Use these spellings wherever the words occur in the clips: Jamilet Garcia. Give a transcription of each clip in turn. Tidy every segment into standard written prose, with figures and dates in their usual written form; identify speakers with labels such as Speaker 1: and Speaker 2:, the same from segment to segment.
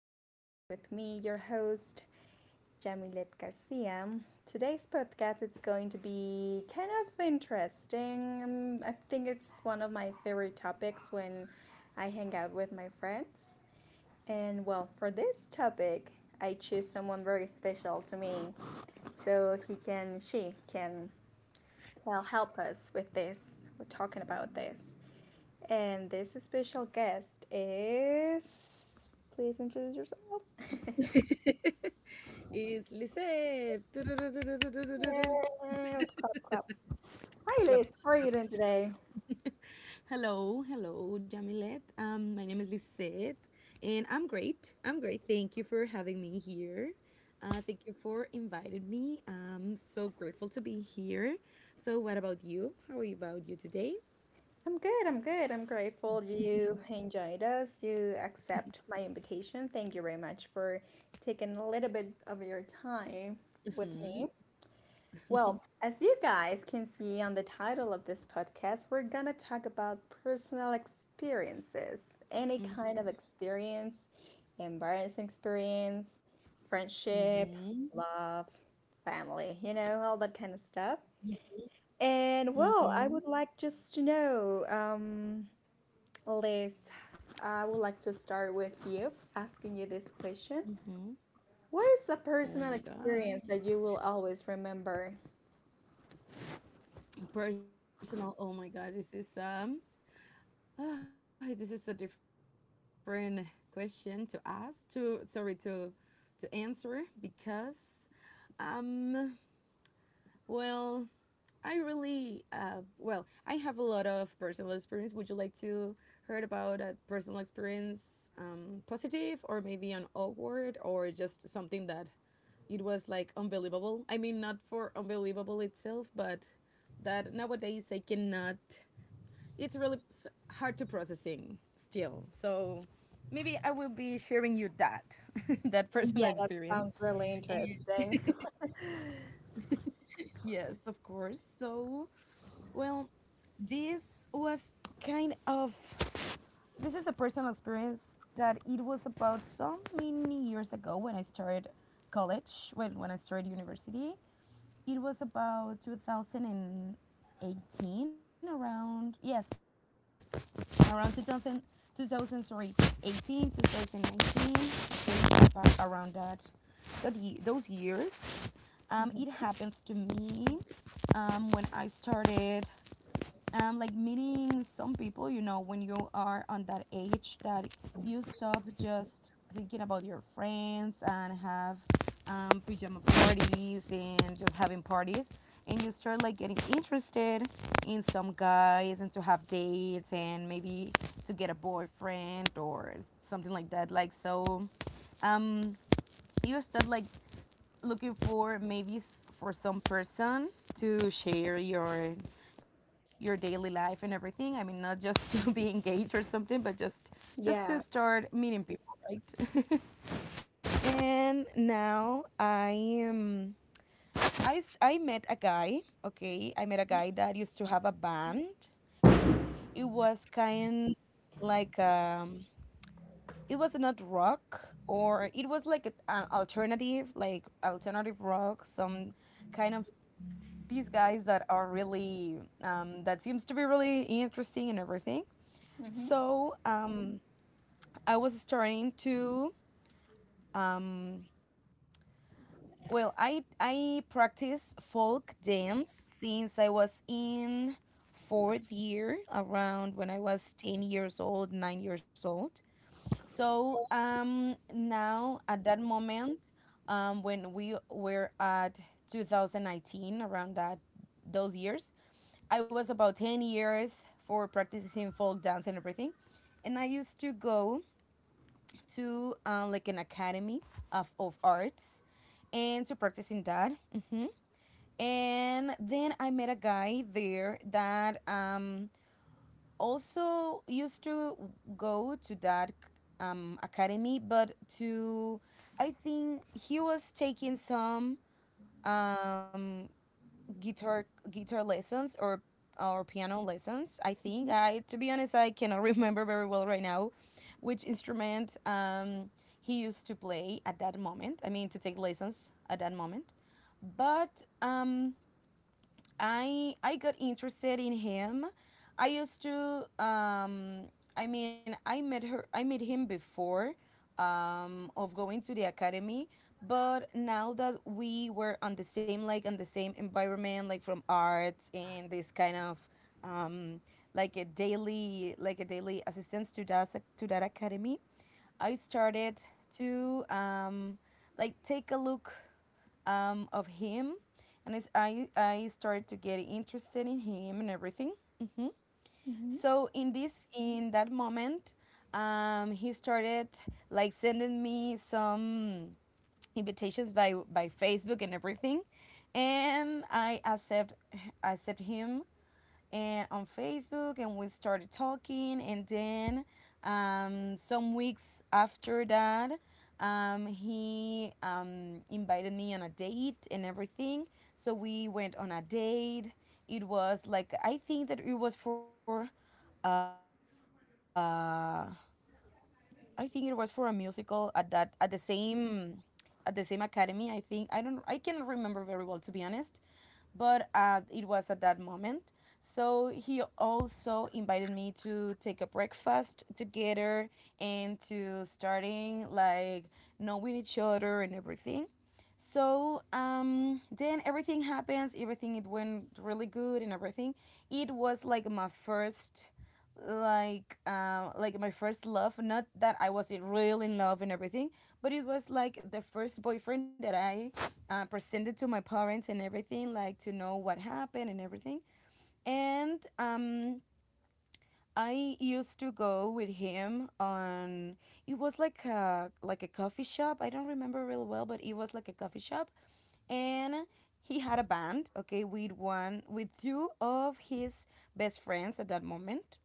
Speaker 1: podcast with me, your host, Jamilet Garcia. Today's podcast is going to be kind of interesting. I think it's one of my favorite topics when I hang out with my friends. And well, for this topic, I choose someone very special to me so he can, she can, well, help us with this. We're talking about this. And this special guest is. Please introduce yourself.
Speaker 2: It's Lisette.
Speaker 1: Yeah, clap, clap. Hi,
Speaker 2: Clap,
Speaker 1: Liz. How are
Speaker 2: clap,
Speaker 1: you doing
Speaker 2: clap.
Speaker 1: today?
Speaker 2: Hello, hello, Jamilet. My name is Lisette, and I'm great. I'm great. Thank you for having me here. Thank you for inviting me. I'm so grateful to be here. So, what about you? How are you about you today?
Speaker 1: I'm good. I'm good. I'm grateful you enjoyed us. You accept my invitation. Thank you very much for taking a little bit of your time with me.
Speaker 2: Mm-hmm.
Speaker 1: Well, as you guys can see on the title of this podcast, we're going to talk about personal experiences, any kind of experience, embarrassing experience, friendship,
Speaker 2: Mm-hmm.
Speaker 1: love, family, all that kind of stuff. And well, I
Speaker 2: Mm-hmm.
Speaker 1: would like just to know, Liz, I would like to start with you asking you this question.
Speaker 2: Mm-hmm.
Speaker 1: What is the
Speaker 2: Oh my
Speaker 1: personal
Speaker 2: God.
Speaker 1: experience that you will always remember?
Speaker 2: Personal. Oh my God. This is. Oh, this is a different question to ask to sorry to answer because um well I really well I have a lot of personal experience. Would you like to heard about a personal experience positive or maybe an awkward or just something that it was like unbelievable? I mean not for unbelievable itself, but that nowadays I cannot it's really hard to processing still. So maybe I will be sharing you that that
Speaker 1: Yeah,
Speaker 2: personal
Speaker 1: that sounds
Speaker 2: experience.
Speaker 1: really interesting.
Speaker 2: Yes, of course. So well, this was kind of this is a personal experience that it was about so many years ago when I started college. Well, when I started university. It was about 2018, around, yes, around 2000 sorry, 2019, okay, about around that, those years. It
Speaker 1: Mhm.
Speaker 2: happens to me when I started like meeting some people, you know, when you are on that age that you stop just thinking about your friends and have pajama parties and just having parties. And you start like getting interested in some guys and to have dates and maybe to get a boyfriend or something like that. Like, so you start like looking for maybe for some person to share your daily life and everything. I mean, not just to be engaged or something, but just
Speaker 1: Yeah.
Speaker 2: to start meeting people, right? and now I am I s- I met a guy. Okay, I met a guy that used to have a band. It was kind like it was not rock or it was like an alternative like alternative rock some kind of these guys that are really that seems to be really interesting and everything
Speaker 1: Mm-hmm.
Speaker 2: so I was starting to um, well i practice folk dance since I was in fourth year around when I was 10 years old 9 years old so now at that moment when we were at 2019 around that those years I was about 10 years for practicing folk dance and everything. And I used to go to like an academy of arts and to practicing that. Hmm And then I met a guy there that also used to go to that academy, but to, I think he was taking some um, guitar guitar lessons or piano lessons. I think I to be honest I cannot remember very well right now which instrument he used to play at that moment. I mean to take lessons at that moment. But I got interested in him. I used to I mean I met her I met him before of going to the academy, but now that we were on the same like on the same environment like from arts and this kind of um like a daily assistance to that academy, I started to like take a look of him, and I started to get interested in him and everything.
Speaker 1: Mm-hmm.
Speaker 2: So in that moment, he started like sending me some invitations by Facebook and everything, and I accept him and on Facebook, and we started talking. And then some weeks after that, he invited me on a date and everything. So we went on a date. It was like I think that it was for, I think it was for a musical at that at the same academy. I think I don't I cannot remember very well to be honest, but it was at that moment. So he also invited me to take a breakfast together and to starting like knowing each other and everything. So then everything happens. Everything it went really good and everything. It was like my first love. Not that I was really in love and everything, but it was like the first boyfriend that I presented to my parents and everything, like to know what happened and everything. And I used to go with him on it was like a coffee shop. I don't remember real well, but it was like a coffee shop and he had a band okay with two of his best friends at that moment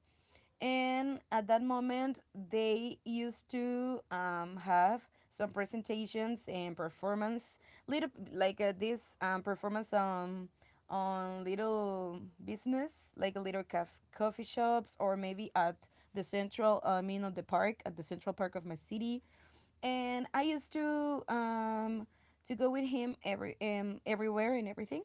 Speaker 2: and at that moment they used to have some presentations and performance little like this performance on little business like a little coffee shops or maybe at the central of the park at the central park of my city and I used to go with him every everywhere and everything.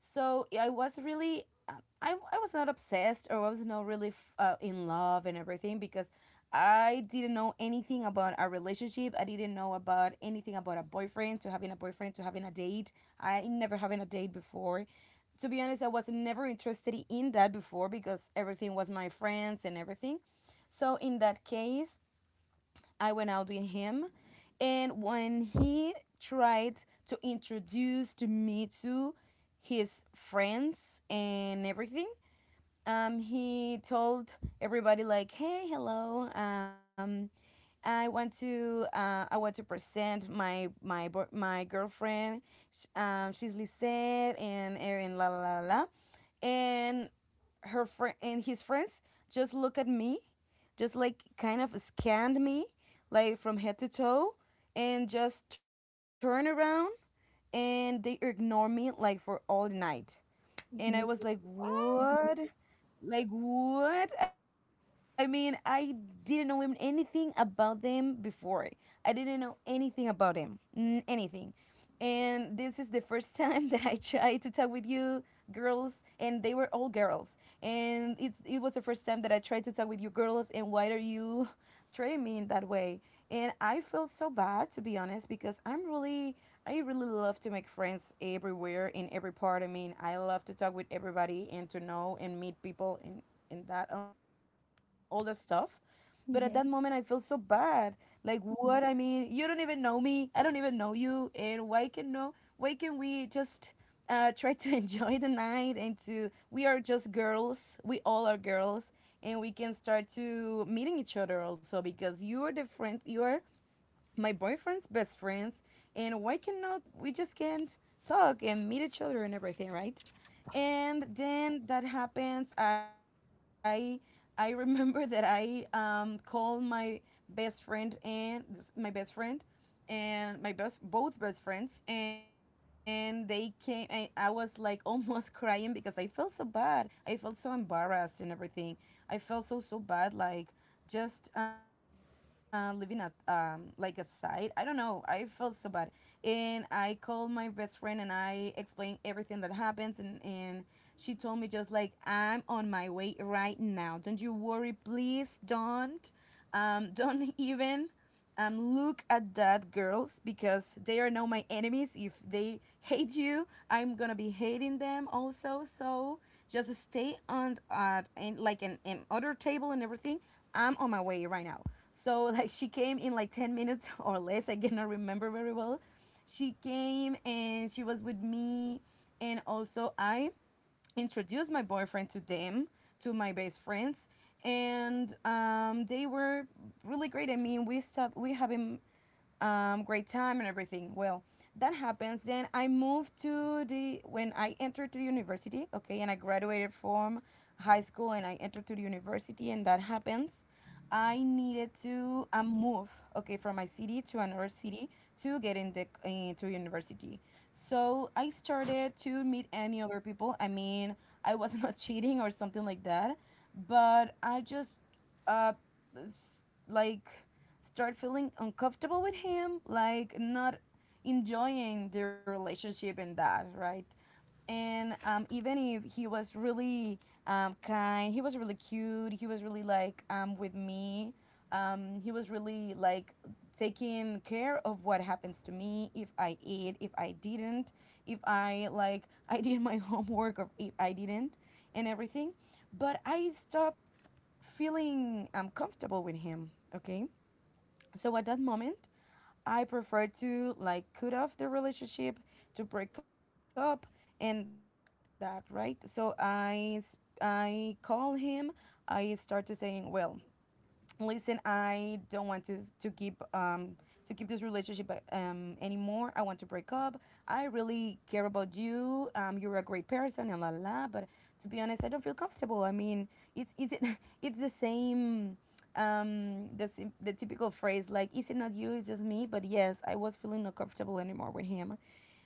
Speaker 2: So yeah, I was really uh, I was not obsessed or I was not really in love and everything because I didn't know anything about a relationship. I didn't know about anything about a boyfriend to having a boyfriend to having a date. I never having a date before. To be honest, I was never interested in that before because everything was my friends and everything. So in that case, I went out with him, and when he tried to introduce to me to his friends and everything, he told everybody like, "Hey, hello, I want to present my girlfriend. She's Lisette and Erin, la la la." la." And her friend and his friends just look at me, just like kind of scanned me, like from head to toe, and just turn around and they ignore me like for all night. And I
Speaker 1: Hmm.
Speaker 2: was like,
Speaker 1: Wow.
Speaker 2: what? Like what? I mean, I didn't know him- anything about them before. I didn't know anything about him, anything. And this is the first time that I tried to talk with you girls, and they were all girls. And it was the first time that I tried to talk with you girls. And why are you treating me in that way. And I feel so bad to be honest because I really love to make friends everywhere in every part. I mean, I love to talk with everybody and to know and meet people and that and all that stuff. But at that moment, I feel so
Speaker 1: Hmm.
Speaker 2: bad. Like what I mean, you don't even know me. I don't even know you. And why can no? Why can we just? Try to enjoy the night and to we are just girls we all are girls and we can start to meeting each other also because you are my boyfriend's best friends and why cannot we just can't talk and meet each other and everything right and then that happens i remember that I called best friend and my best friend and my best both best friends and they came I was like almost crying because I felt so bad. I felt so embarrassed and everything. I felt so bad like just living at like aside. I don't know. I felt so bad. And I called my best friend and I explained everything that happens and she told me just like I'm on my way right now. Don't you worry, please don't don't even look at that, girls, because they are now my enemies. If they hate you, I'm gonna be hating them also. So just stay on at and like an other table and everything. I'm on my way right now. So like she came in like 10 minutes or less. I cannot remember very well. She came and she was with me, and also I introduced my boyfriend to them, to my best friends, and they were really great. I mean, we have been great time and everything. Well, that happens. Then I moved to the when I entered to the university, okay, and I graduated from high school and I entered to the university, and that happens. I needed to move, okay, from my city to another city to get in the into university. So I started to meet any other people. I mean, I was not cheating or something like that, but I just uh s- like start feeling uncomfortable with him, like not enjoying the relationship and that, right? And Even if he was really kind, he was really cute, he was really like with me, he was really like taking care of what happens to me if I eat, if I didn't, if I like I did my homework or if I didn't, and everything. But I stopped feeling comfortable with him, okay? So at that moment I prefer to like cut off the relationship, to break up and that, right? So I call him. I start to saying, well, listen, I don't want to keep to keep this relationship anymore. I want to break up. I really care about you. You're a great person and la la la, but to be honest, I don't feel comfortable. I mean, it's is it it's the same. The typical phrase, like, is it not you, it's just me, but yes, I was feeling not comfortable anymore with him.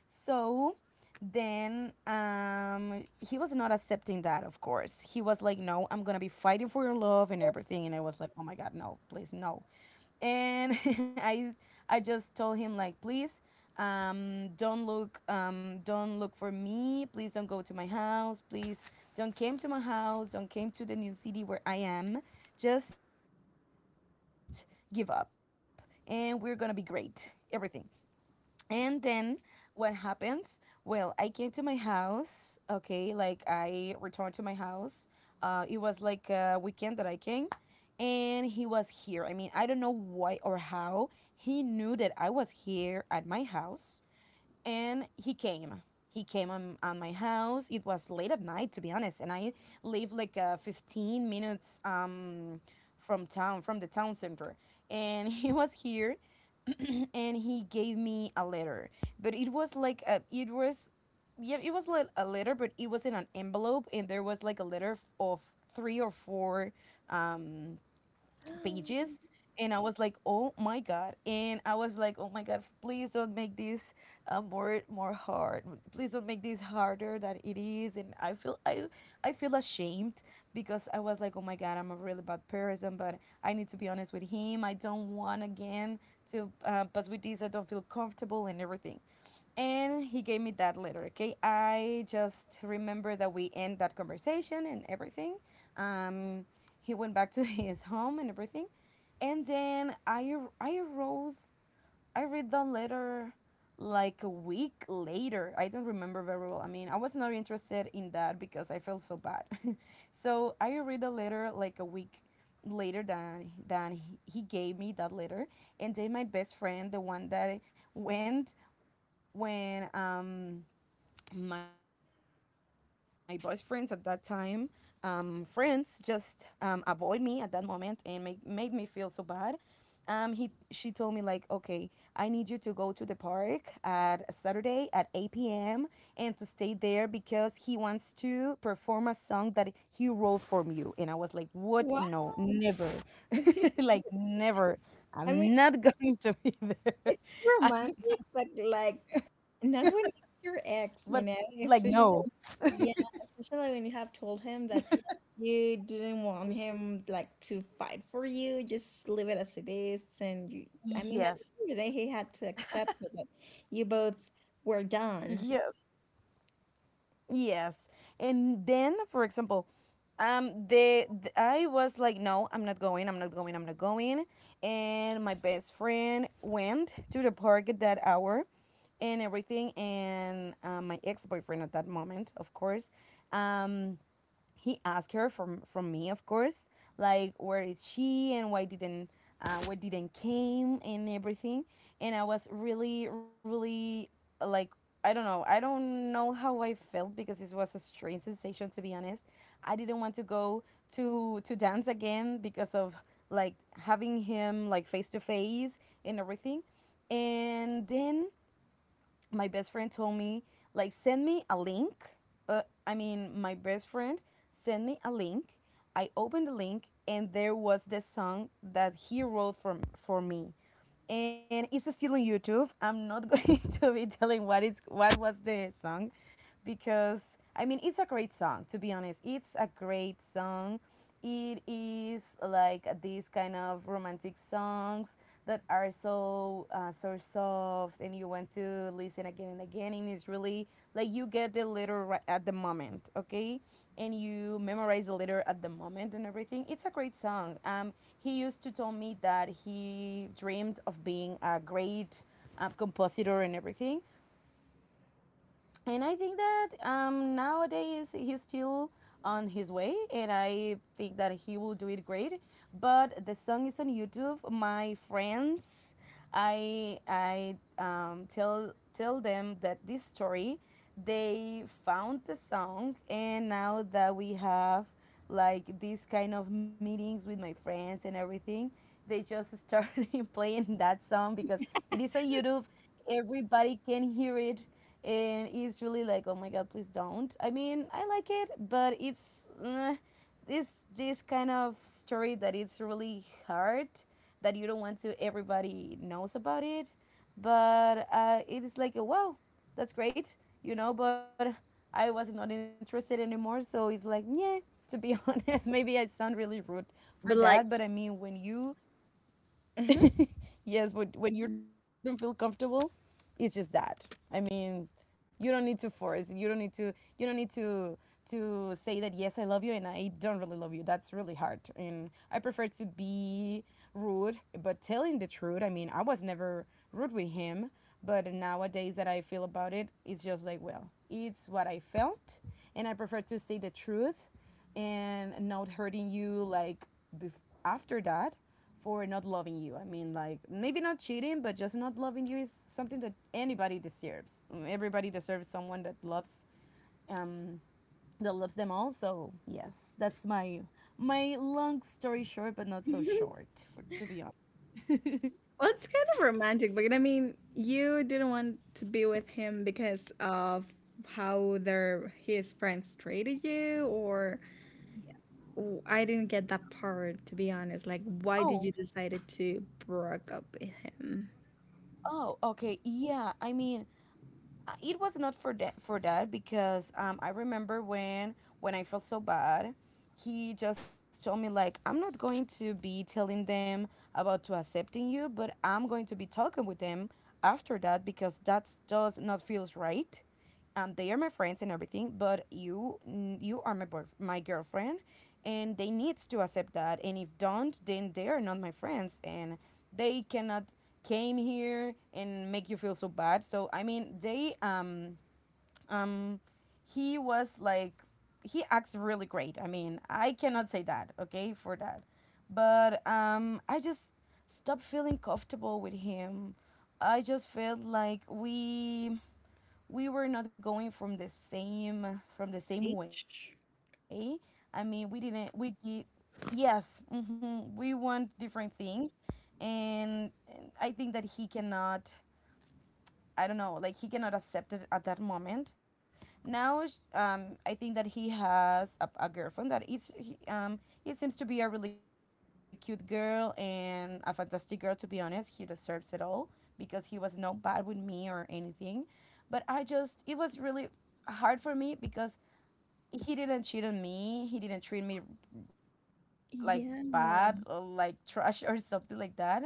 Speaker 2: So then he was not accepting that, of course. He was like, no, I'm gonna be fighting for your love and everything. And I was like, oh my god, no, please no. And I just told him, like, please don't look, don't look for me, please. Don't go to my house. Please don't came to my house. Don't came to the new city where I am. Just give up and we're gonna be great, everything. And then what happens? Well, I came to my house, okay, like I returned to my house. It was like a weekend that I came, and he was here. I mean, I don't know why or how he knew that I was here at my house, and he came. He came on my house. It was late at night, to be honest, and I live like 15 minutes from town, from the town center. And he was here and he gave me a letter, but it was like a, it was, yeah, it was like a letter, but it was in an envelope and there was like a letter of three or four um pages. And I was like, oh my god. And I was like, oh my god, please don't make this more hard. Please don't make this harder than it is. And I feel I feel ashamed because I was like, oh my god, I'm a really bad person, but I need to be honest with him. I don't want again to pass with this. I don't feel comfortable and everything. And he gave me that letter. Okay, I just remember that we end that conversation and everything. Um, he went back to his home and everything. And then I wrote I read the letter like a week later. I don't remember very well. I mean, I was not interested in that because I felt so bad. So I read the letter like a week later than he gave me that letter. And then my best friend, the one that went when my best friends at that time, friends just avoid me at that moment and made me feel so bad. He she told me, like, okay, I need you to go to the park at Saturday at eight p.m. and to stay there because he wants to perform a song that he wrote for you. And I was like, what?
Speaker 1: Wow.
Speaker 2: No, never, like never.
Speaker 1: I mean,
Speaker 2: I'm not going to be there.
Speaker 1: it's romantic, but like not when it's your ex, you know,
Speaker 2: But like,
Speaker 1: especially
Speaker 2: no.
Speaker 1: yeah, especially when you have told him that you didn't want him like to fight for you, just leave it as it is, and you. I
Speaker 2: Yes.
Speaker 1: mean, at the end of the day, he had to accept it that you both were done,
Speaker 2: Yes. Yes. And then, for example, I was like, no, I'm not going. I'm not going. I'm not going. And my best friend went to the park at that hour, and everything. And my ex boyfriend at that moment, of course, um, he asked her from me, of course, like, where is she and why didn't, why didn't came and everything. And I was really, really like, I don't know, I don't know how I felt because it was a strange sensation, to be honest. I didn't want to go to dance again because of, like, having him like face to face and everything. And then my best friend told me, like, send me a link. I mean my best friend sent me a link. I opened the link and there was the song that he wrote for me, and it's still on YouTube. I'm not going to be telling what it's, what was the song, because I mean, it's a great song, to be honest. It's a great song. It is like these kind of romantic songs that are so so soft, and you want to listen again and again, and it's really like you get the letter right at the moment, okay? And you memorize the letter at the moment and everything. It's a great song. He used to tell me that he dreamed of being a great compositor and everything, and I think that nowadays he's still on his way, and I think that he will do it great. But the song is on YouTube. My friends, I tell them that this story, they found the song, and now that we have like these kind of meetings with my friends and everything, they just started playing that song because it is on YouTube. Everybody can hear it, and it's really like, oh my god, please don't. I mean, I like it, but it's this kind of story that it's really hard, that you don't want to everybody knows about it, but it is like, oh, wow, that's great, you know? But I was not interested anymore, so it's like, yeah, to be honest, maybe I sound really rude for
Speaker 1: but like.
Speaker 2: that, but I mean, when you. Yes, but when you don't feel comfortable, it's just that. I mean, you don't need to force. You don't need to. You don't need to say that yes, I love you, and I don't really love you. That's really hard, and I prefer to be rude, but telling the truth. I mean, I was never rude with him, but nowadays that I feel about it, it's just like, well, it's what I felt, and I prefer to say the truth, and not hurting you like after that for not loving you. I mean, like, maybe not cheating, but just not loving you is something that anybody deserves. Everybody deserves someone um that loves them all. So yes, that's my my long story short, but not so short for to be honest.
Speaker 1: Well, it's kind of romantic, but I mean, you didn't want to be with him because of how their his friends treated you, or
Speaker 2: Yeah.
Speaker 1: I didn't get that part to be honest. Like, why did you
Speaker 2: Oh,
Speaker 1: decided to break up with him?
Speaker 2: oh, okay. Yeah. I mean, it was not for that because I remember when I felt so bad, he just told me, like, I'm not going to be telling them about to accepting you, but I'm going to be talking with them after that, because that does not feels right. They are my friends and everything, but you are my my girlfriend, and they needs to accept that. And if don't, then they are not my friends, and they cannot came here and make you feel so bad. So I mean, they um, he was like, he acts really great. I mean, I cannot say that okay for that, but I just stopped feeling comfortable with him. I just felt like we were not going from the same way.
Speaker 1: Paige?
Speaker 2: I mean, we didn't we did yes, we want different things, and I think that he cannot, I don't know, like he cannot accept it at that moment. Now, I think that he has a girlfriend that is, it seems to be a really cute girl and a fantastic girl, to be honest. He deserves it all because he was not bad with me or anything. But I just, it was really hard for me because he didn't cheat on me. He didn't treat me like
Speaker 1: Yeah,
Speaker 2: bad or like trash or something like that.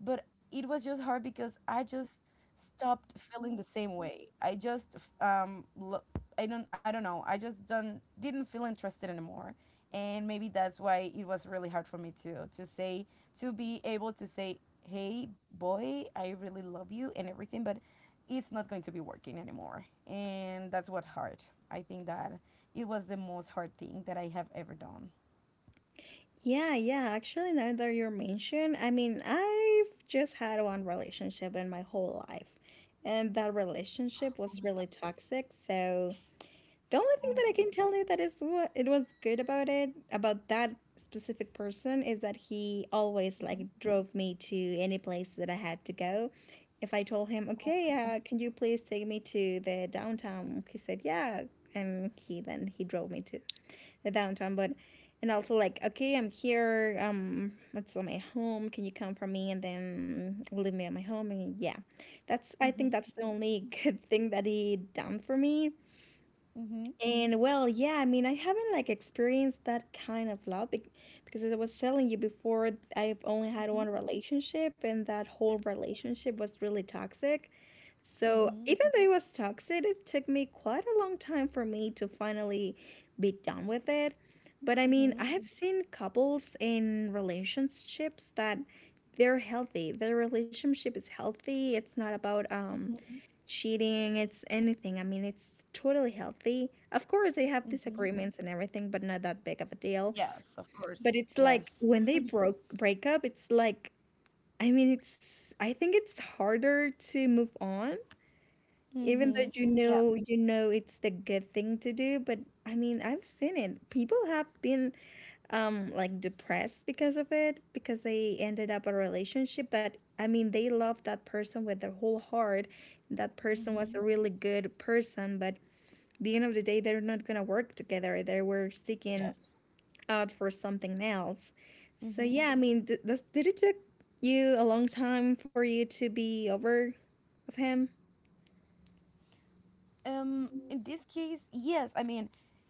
Speaker 2: But it was just hard because I just stopped feeling the same way. I don't know. I just don't didn't feel interested anymore. And maybe that's why it was really hard for me to be able to say, "Hey boy, I really love you" and everything, but it's not going to be working anymore. And that's what hard. I think that it was the most hard thing that I have ever done.
Speaker 1: yeah, yeah. Actually, now that you're mentioned, I mean, I've just had one relationship in my whole life, and that relationship was really toxic. So.
Speaker 2: Oh,
Speaker 1: The only thing that I can tell you that is what it was good about it, about that specific person, is that he
Speaker 2: mhm.
Speaker 1: always like drove me to any place that I had to go. If I told him, okay, can you please take me to the downtown? He said, yeah, and he then he drove me to the downtown. But and also like, okay, I'm here. It's on my home. Can you come for me and then leave me at my home? And yeah, that's I
Speaker 2: Mhm,
Speaker 1: think that's the only good thing that he done for me.
Speaker 2: mhm,
Speaker 1: And well, yeah, I mean, I haven't like experienced that kind of love because as I was telling you before, I've only had
Speaker 2: mhm,
Speaker 1: one relationship and that whole relationship was really toxic. So,
Speaker 2: mhm,
Speaker 1: even though it was toxic, it took me quite a long time for me to finally be done with it. But I mean,
Speaker 2: mhm,
Speaker 1: I have seen couples in relationships that they're healthy. Their relationship is healthy. It's not about
Speaker 2: mhm,
Speaker 1: cheating, it's anything. I mean, it's totally healthy. Of course, they have
Speaker 2: mhm,
Speaker 1: disagreements and everything, but not that big of a deal.
Speaker 2: Yes, of course.
Speaker 1: But it's
Speaker 2: Yes.
Speaker 1: like when they broke break up, it's like I mean, it's I think it's harder to move on even
Speaker 2: Mhm.
Speaker 1: though you
Speaker 2: Yeah.
Speaker 1: know it's the good thing to do, but I mean, I've seen it. People have been like depressed because of it because they ended up a relationship that I mean, they loved that person with their whole heart. That person was
Speaker 2: Mhm.
Speaker 1: a really good person, but the end of the day, they're not gonna work together. They were seeking
Speaker 2: Yes.
Speaker 1: out for something else. So
Speaker 2: Mhm.
Speaker 1: yeah, I mean, did it took you a long time for you to be over of him?
Speaker 2: In this case, yes. I mean,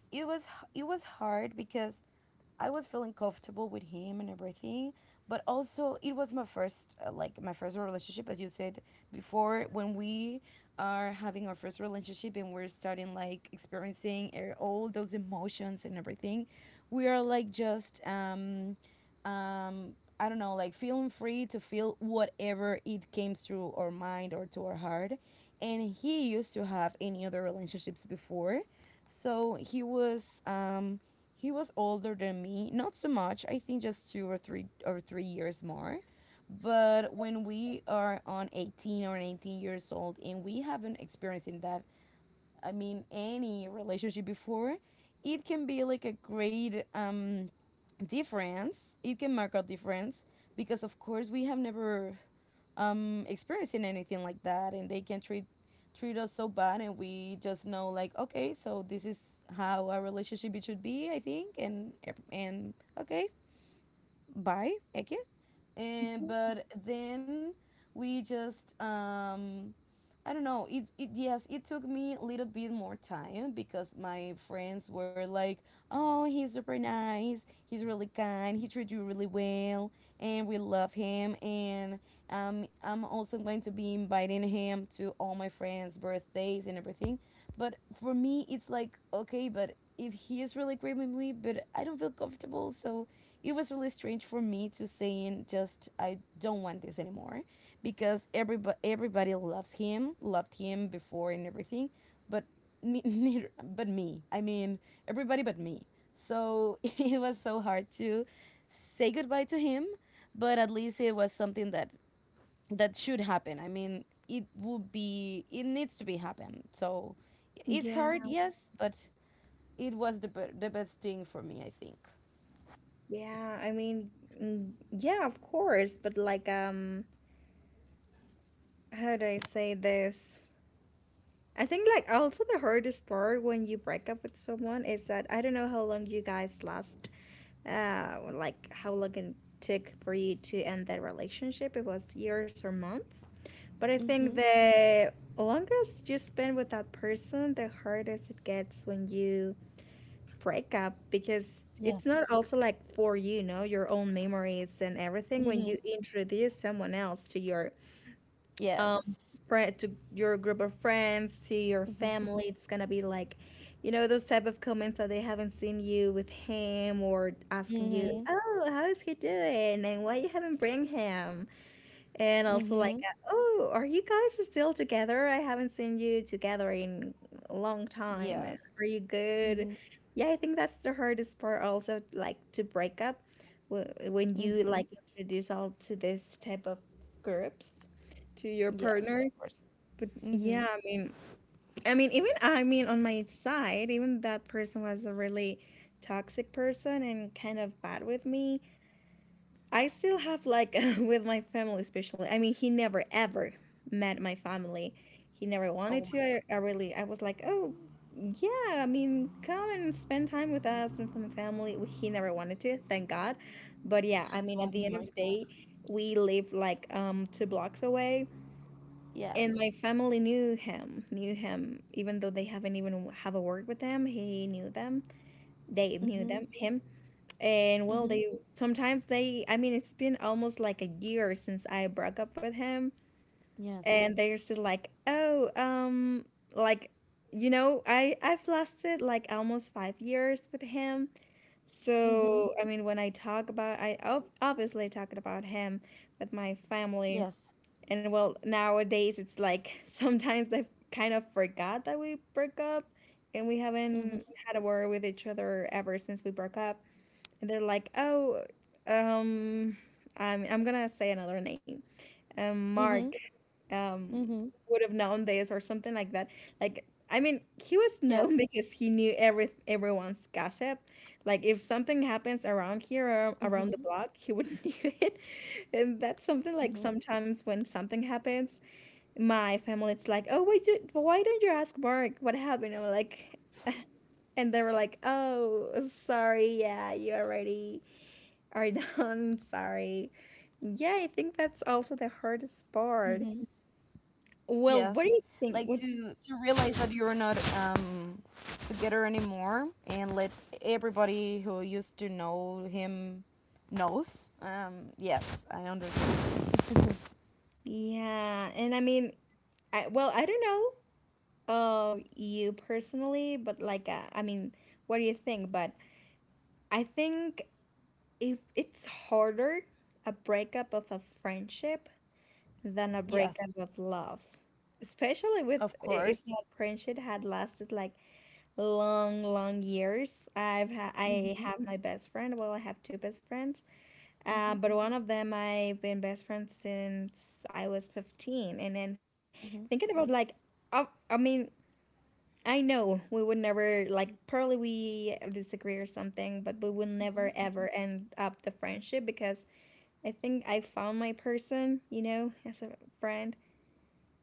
Speaker 2: it was it was hard because I was feeling comfortable with him and everything, but also it was my first like my first relationship, as you said before. When we are having our first relationship and we're starting like experiencing all those emotions and everything, we are like just um, I don't know, like feeling free to feel whatever it came through our mind or to our heart. And he used to have any other relationships before, so he was older than me, not so much. I think just 2 or 3 or 3 years more. But when we are on 18 or 19 years old and we haven't experienced in that, I mean any relationship before, it can be like a great difference. It can mark a difference because of course we have never experiencing anything like that, and they can treat us so bad, and we just know like, okay, so this is how a relationship it should be, I think, and okay, buy okay, and but then we just I don't know. It, yes, it took me a little bit more time, because my friends were like, oh, he's super nice, he's really kind, he treats you really well, and we love him, and I'm also going to be inviting him to all my friends birthdays and everything. But for me it's like, okay, but if he is really great with me, but I don't feel comfortable. So it was really strange for me to saying just, I don't want this anymore, because everybody loves him, loved him before and everything, but me, neither, but me. I mean, everybody but me. So it was so hard to say goodbye to him, but at least it was something that should happen. I mean, it needs to be happen. So it's
Speaker 1: Yeah.
Speaker 2: hard, yes, but it was the the best thing for me, I think.
Speaker 1: Yeah, I mean, yeah, of course, but like, how do I say this? I think like also the hardest part when you break up with someone is that I don't know how long you guys last, like how long it took for you to end that relationship. It was years or months, but I think
Speaker 2: Mhm.
Speaker 1: the longest you spend with that person, the hardest it gets when you breakup because it's
Speaker 2: Yes.
Speaker 1: not also like for your own memories and everything when
Speaker 2: Mhm.
Speaker 1: you introduce someone else to your um
Speaker 2: Yes.
Speaker 1: friend, to your group of friends, to your
Speaker 2: Mhm.
Speaker 1: family, it's gonna be like those type of comments that they haven't seen you with him, or asking you,
Speaker 2: Mhm.
Speaker 1: oh, how is he doing and why you haven't bring him, and also
Speaker 2: Mhm.
Speaker 1: like, "Oh, are you guys still together? I haven't seen you together in a long time. And
Speaker 2: Yes.
Speaker 1: are you good?"
Speaker 2: Mhm.
Speaker 1: Yeah, I think that's the hardest part also, like, to break up wh- when you
Speaker 2: Mhm.
Speaker 1: like introduce all to this type of groups to your
Speaker 2: Yes, of
Speaker 1: partner.
Speaker 2: course.
Speaker 1: But
Speaker 2: Mhm.
Speaker 1: yeah, I mean, even I mean on my side, even that person was a really toxic person and kind of bad with me. I still have like with my family, especially. I mean, he never ever met my family. He never wanted
Speaker 2: Oh
Speaker 1: to.
Speaker 2: my
Speaker 1: I,
Speaker 2: god.
Speaker 1: I really, I was like, oh, yeah. I mean, come and spend time with us and with my family. Well, he never wanted to. Thank God. But yeah, I mean, at
Speaker 2: Oh
Speaker 1: the end of
Speaker 2: my
Speaker 1: the
Speaker 2: god.
Speaker 1: day, we live like two blocks away, and my
Speaker 2: Yes.
Speaker 1: family knew him, even though they haven't even have a word with him. He knew them. They knew
Speaker 2: Mhm.
Speaker 1: them. Him. And well,
Speaker 2: Mhm.
Speaker 1: they sometimes they, I mean, it's been almost like a year since I broke up with him,
Speaker 2: Yes.
Speaker 1: and they're still like, "Oh, like, you know, I've lasted like almost 5 years with him."
Speaker 2: Mhm.
Speaker 1: So, I mean, when I talk about, obviously talked about him with my family,
Speaker 2: Yes.
Speaker 1: and well, nowadays it's like sometimes I kind of forgot that we broke up, and we haven't
Speaker 2: Mhm.
Speaker 1: had a word with each other ever since we broke up, and they're like, "Oh, um, I'm gonna say another name, Mark,
Speaker 2: Mhm.
Speaker 1: um,
Speaker 2: Mhm.
Speaker 1: would have known this or something like that." Like, I mean, he
Speaker 2: Yes.
Speaker 1: was known because he knew everyone's gossip. Like, if something happens around here or
Speaker 2: Mhm.
Speaker 1: around the block, he would knew it. And that's something
Speaker 2: Mhm.
Speaker 1: like sometimes when something happens, my family it's like, "Oh, why don't you ask Mark what happened?" And I'm like, and they were like, "Oh, sorry, yeah, you already." are done. Sorry. Yeah, I think that's also the hardest part.
Speaker 2: Mhm.
Speaker 1: Well, what do
Speaker 2: Yes.
Speaker 1: you think?
Speaker 2: Like
Speaker 1: What?
Speaker 2: to realize that you're not together anymore, and let everybody who used to know him knows. Yes, I understand.
Speaker 1: Yeah, and I mean, I, well, I don't know, you personally, but like, I mean, what do you think? But I think if it's harder a breakup of a friendship than a
Speaker 2: Yes,
Speaker 1: breakup of love, especially
Speaker 2: of
Speaker 1: with if
Speaker 2: course.
Speaker 1: that friendship had lasted like long, long years. I
Speaker 2: Mm-hmm.
Speaker 1: have my best friend. Well, I have two best friends. But
Speaker 2: Mm-hmm.
Speaker 1: one of them I've been best friends since I was 15. And then
Speaker 2: Mm-hmm.
Speaker 1: thinking about like, I mean, I know we would never like probably we disagree or something, but we will never
Speaker 2: Mm-hmm.
Speaker 1: ever end up the friendship because I think I found my person, you know, as a friend.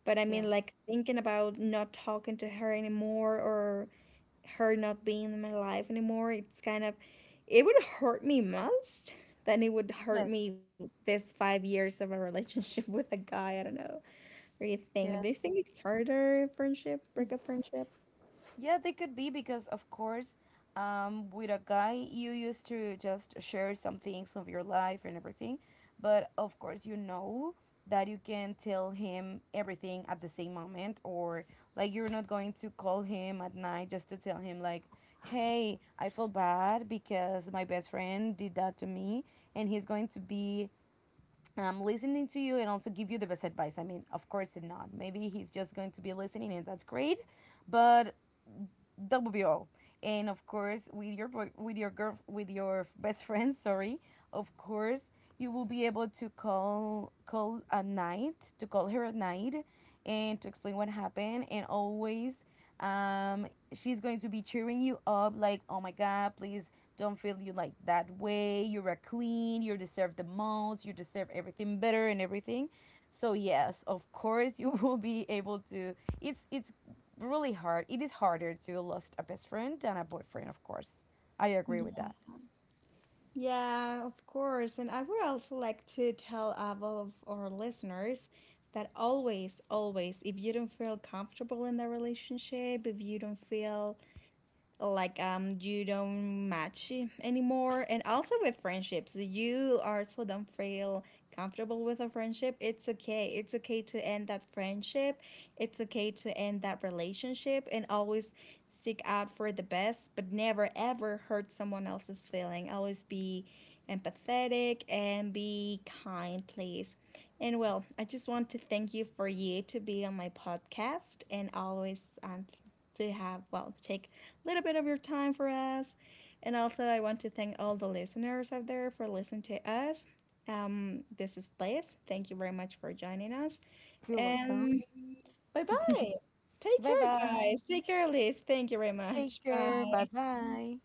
Speaker 1: But I mean, like
Speaker 2: Yes.
Speaker 1: thinking about not talking to her anymore or her not being in my life anymore, it's kind of, it would hurt me most than it would hurt
Speaker 2: Yes.
Speaker 1: me this 5 years of a relationship with a guy. I don't know. What do you think? Do you
Speaker 2: Yes.
Speaker 1: think it's harder friendship,
Speaker 2: Mm.
Speaker 1: breakup friendship?
Speaker 2: Yeah, they could be because, of course, with a guy, you used to just share some things of your life and everything. But of course, you know that you can tell him everything at the same moment, or like you're not going to call him at night just to tell him, like, hey, I feel bad because my best friend did that to me, and he's going to be, I'm listening to you, and also give you the best advice. I mean, of course not. Maybe he's just going to be listening, and that's great, but that would be all. And of course with your boy, with your girl, with your best friend. Sorry. Of course you will be able to call at night, to call her at night, and to explain what happened, and always um she's going to be cheering you up, like, oh my god, please, don't feel you like that way, you're a queen, you deserve the most, you deserve everything better, and everything. So yes, of course, you will be able to. It's really hard. It is harder to lose a best friend than a boyfriend, of course. I agree with that.
Speaker 1: Yeah, of course. And I would also like to tell all of our listeners that always, always, if you don't feel comfortable in the relationship, if you don't feel like you don't match anymore, and also with friendships, you also don't feel comfortable with a friendship, it's okay, it's okay to end that friendship, it's okay to end that relationship, and always seek out for the best, but never ever hurt someone else's feeling, always be empathetic and be kind, please. And well, I just want to thank you for you to be on my podcast and always, to have, well, take little bit of your time for us. And also, I want to thank all the listeners out there for listening to us. This is Liz. Thank you very much for joining us.
Speaker 2: You're welcome.
Speaker 1: And bye bye. Take
Speaker 2: Bye
Speaker 1: care,
Speaker 2: bye.
Speaker 1: guys. Take care, Liz. Thank you very
Speaker 2: Take
Speaker 1: much.
Speaker 2: care. Bye
Speaker 1: Bye.
Speaker 2: bye.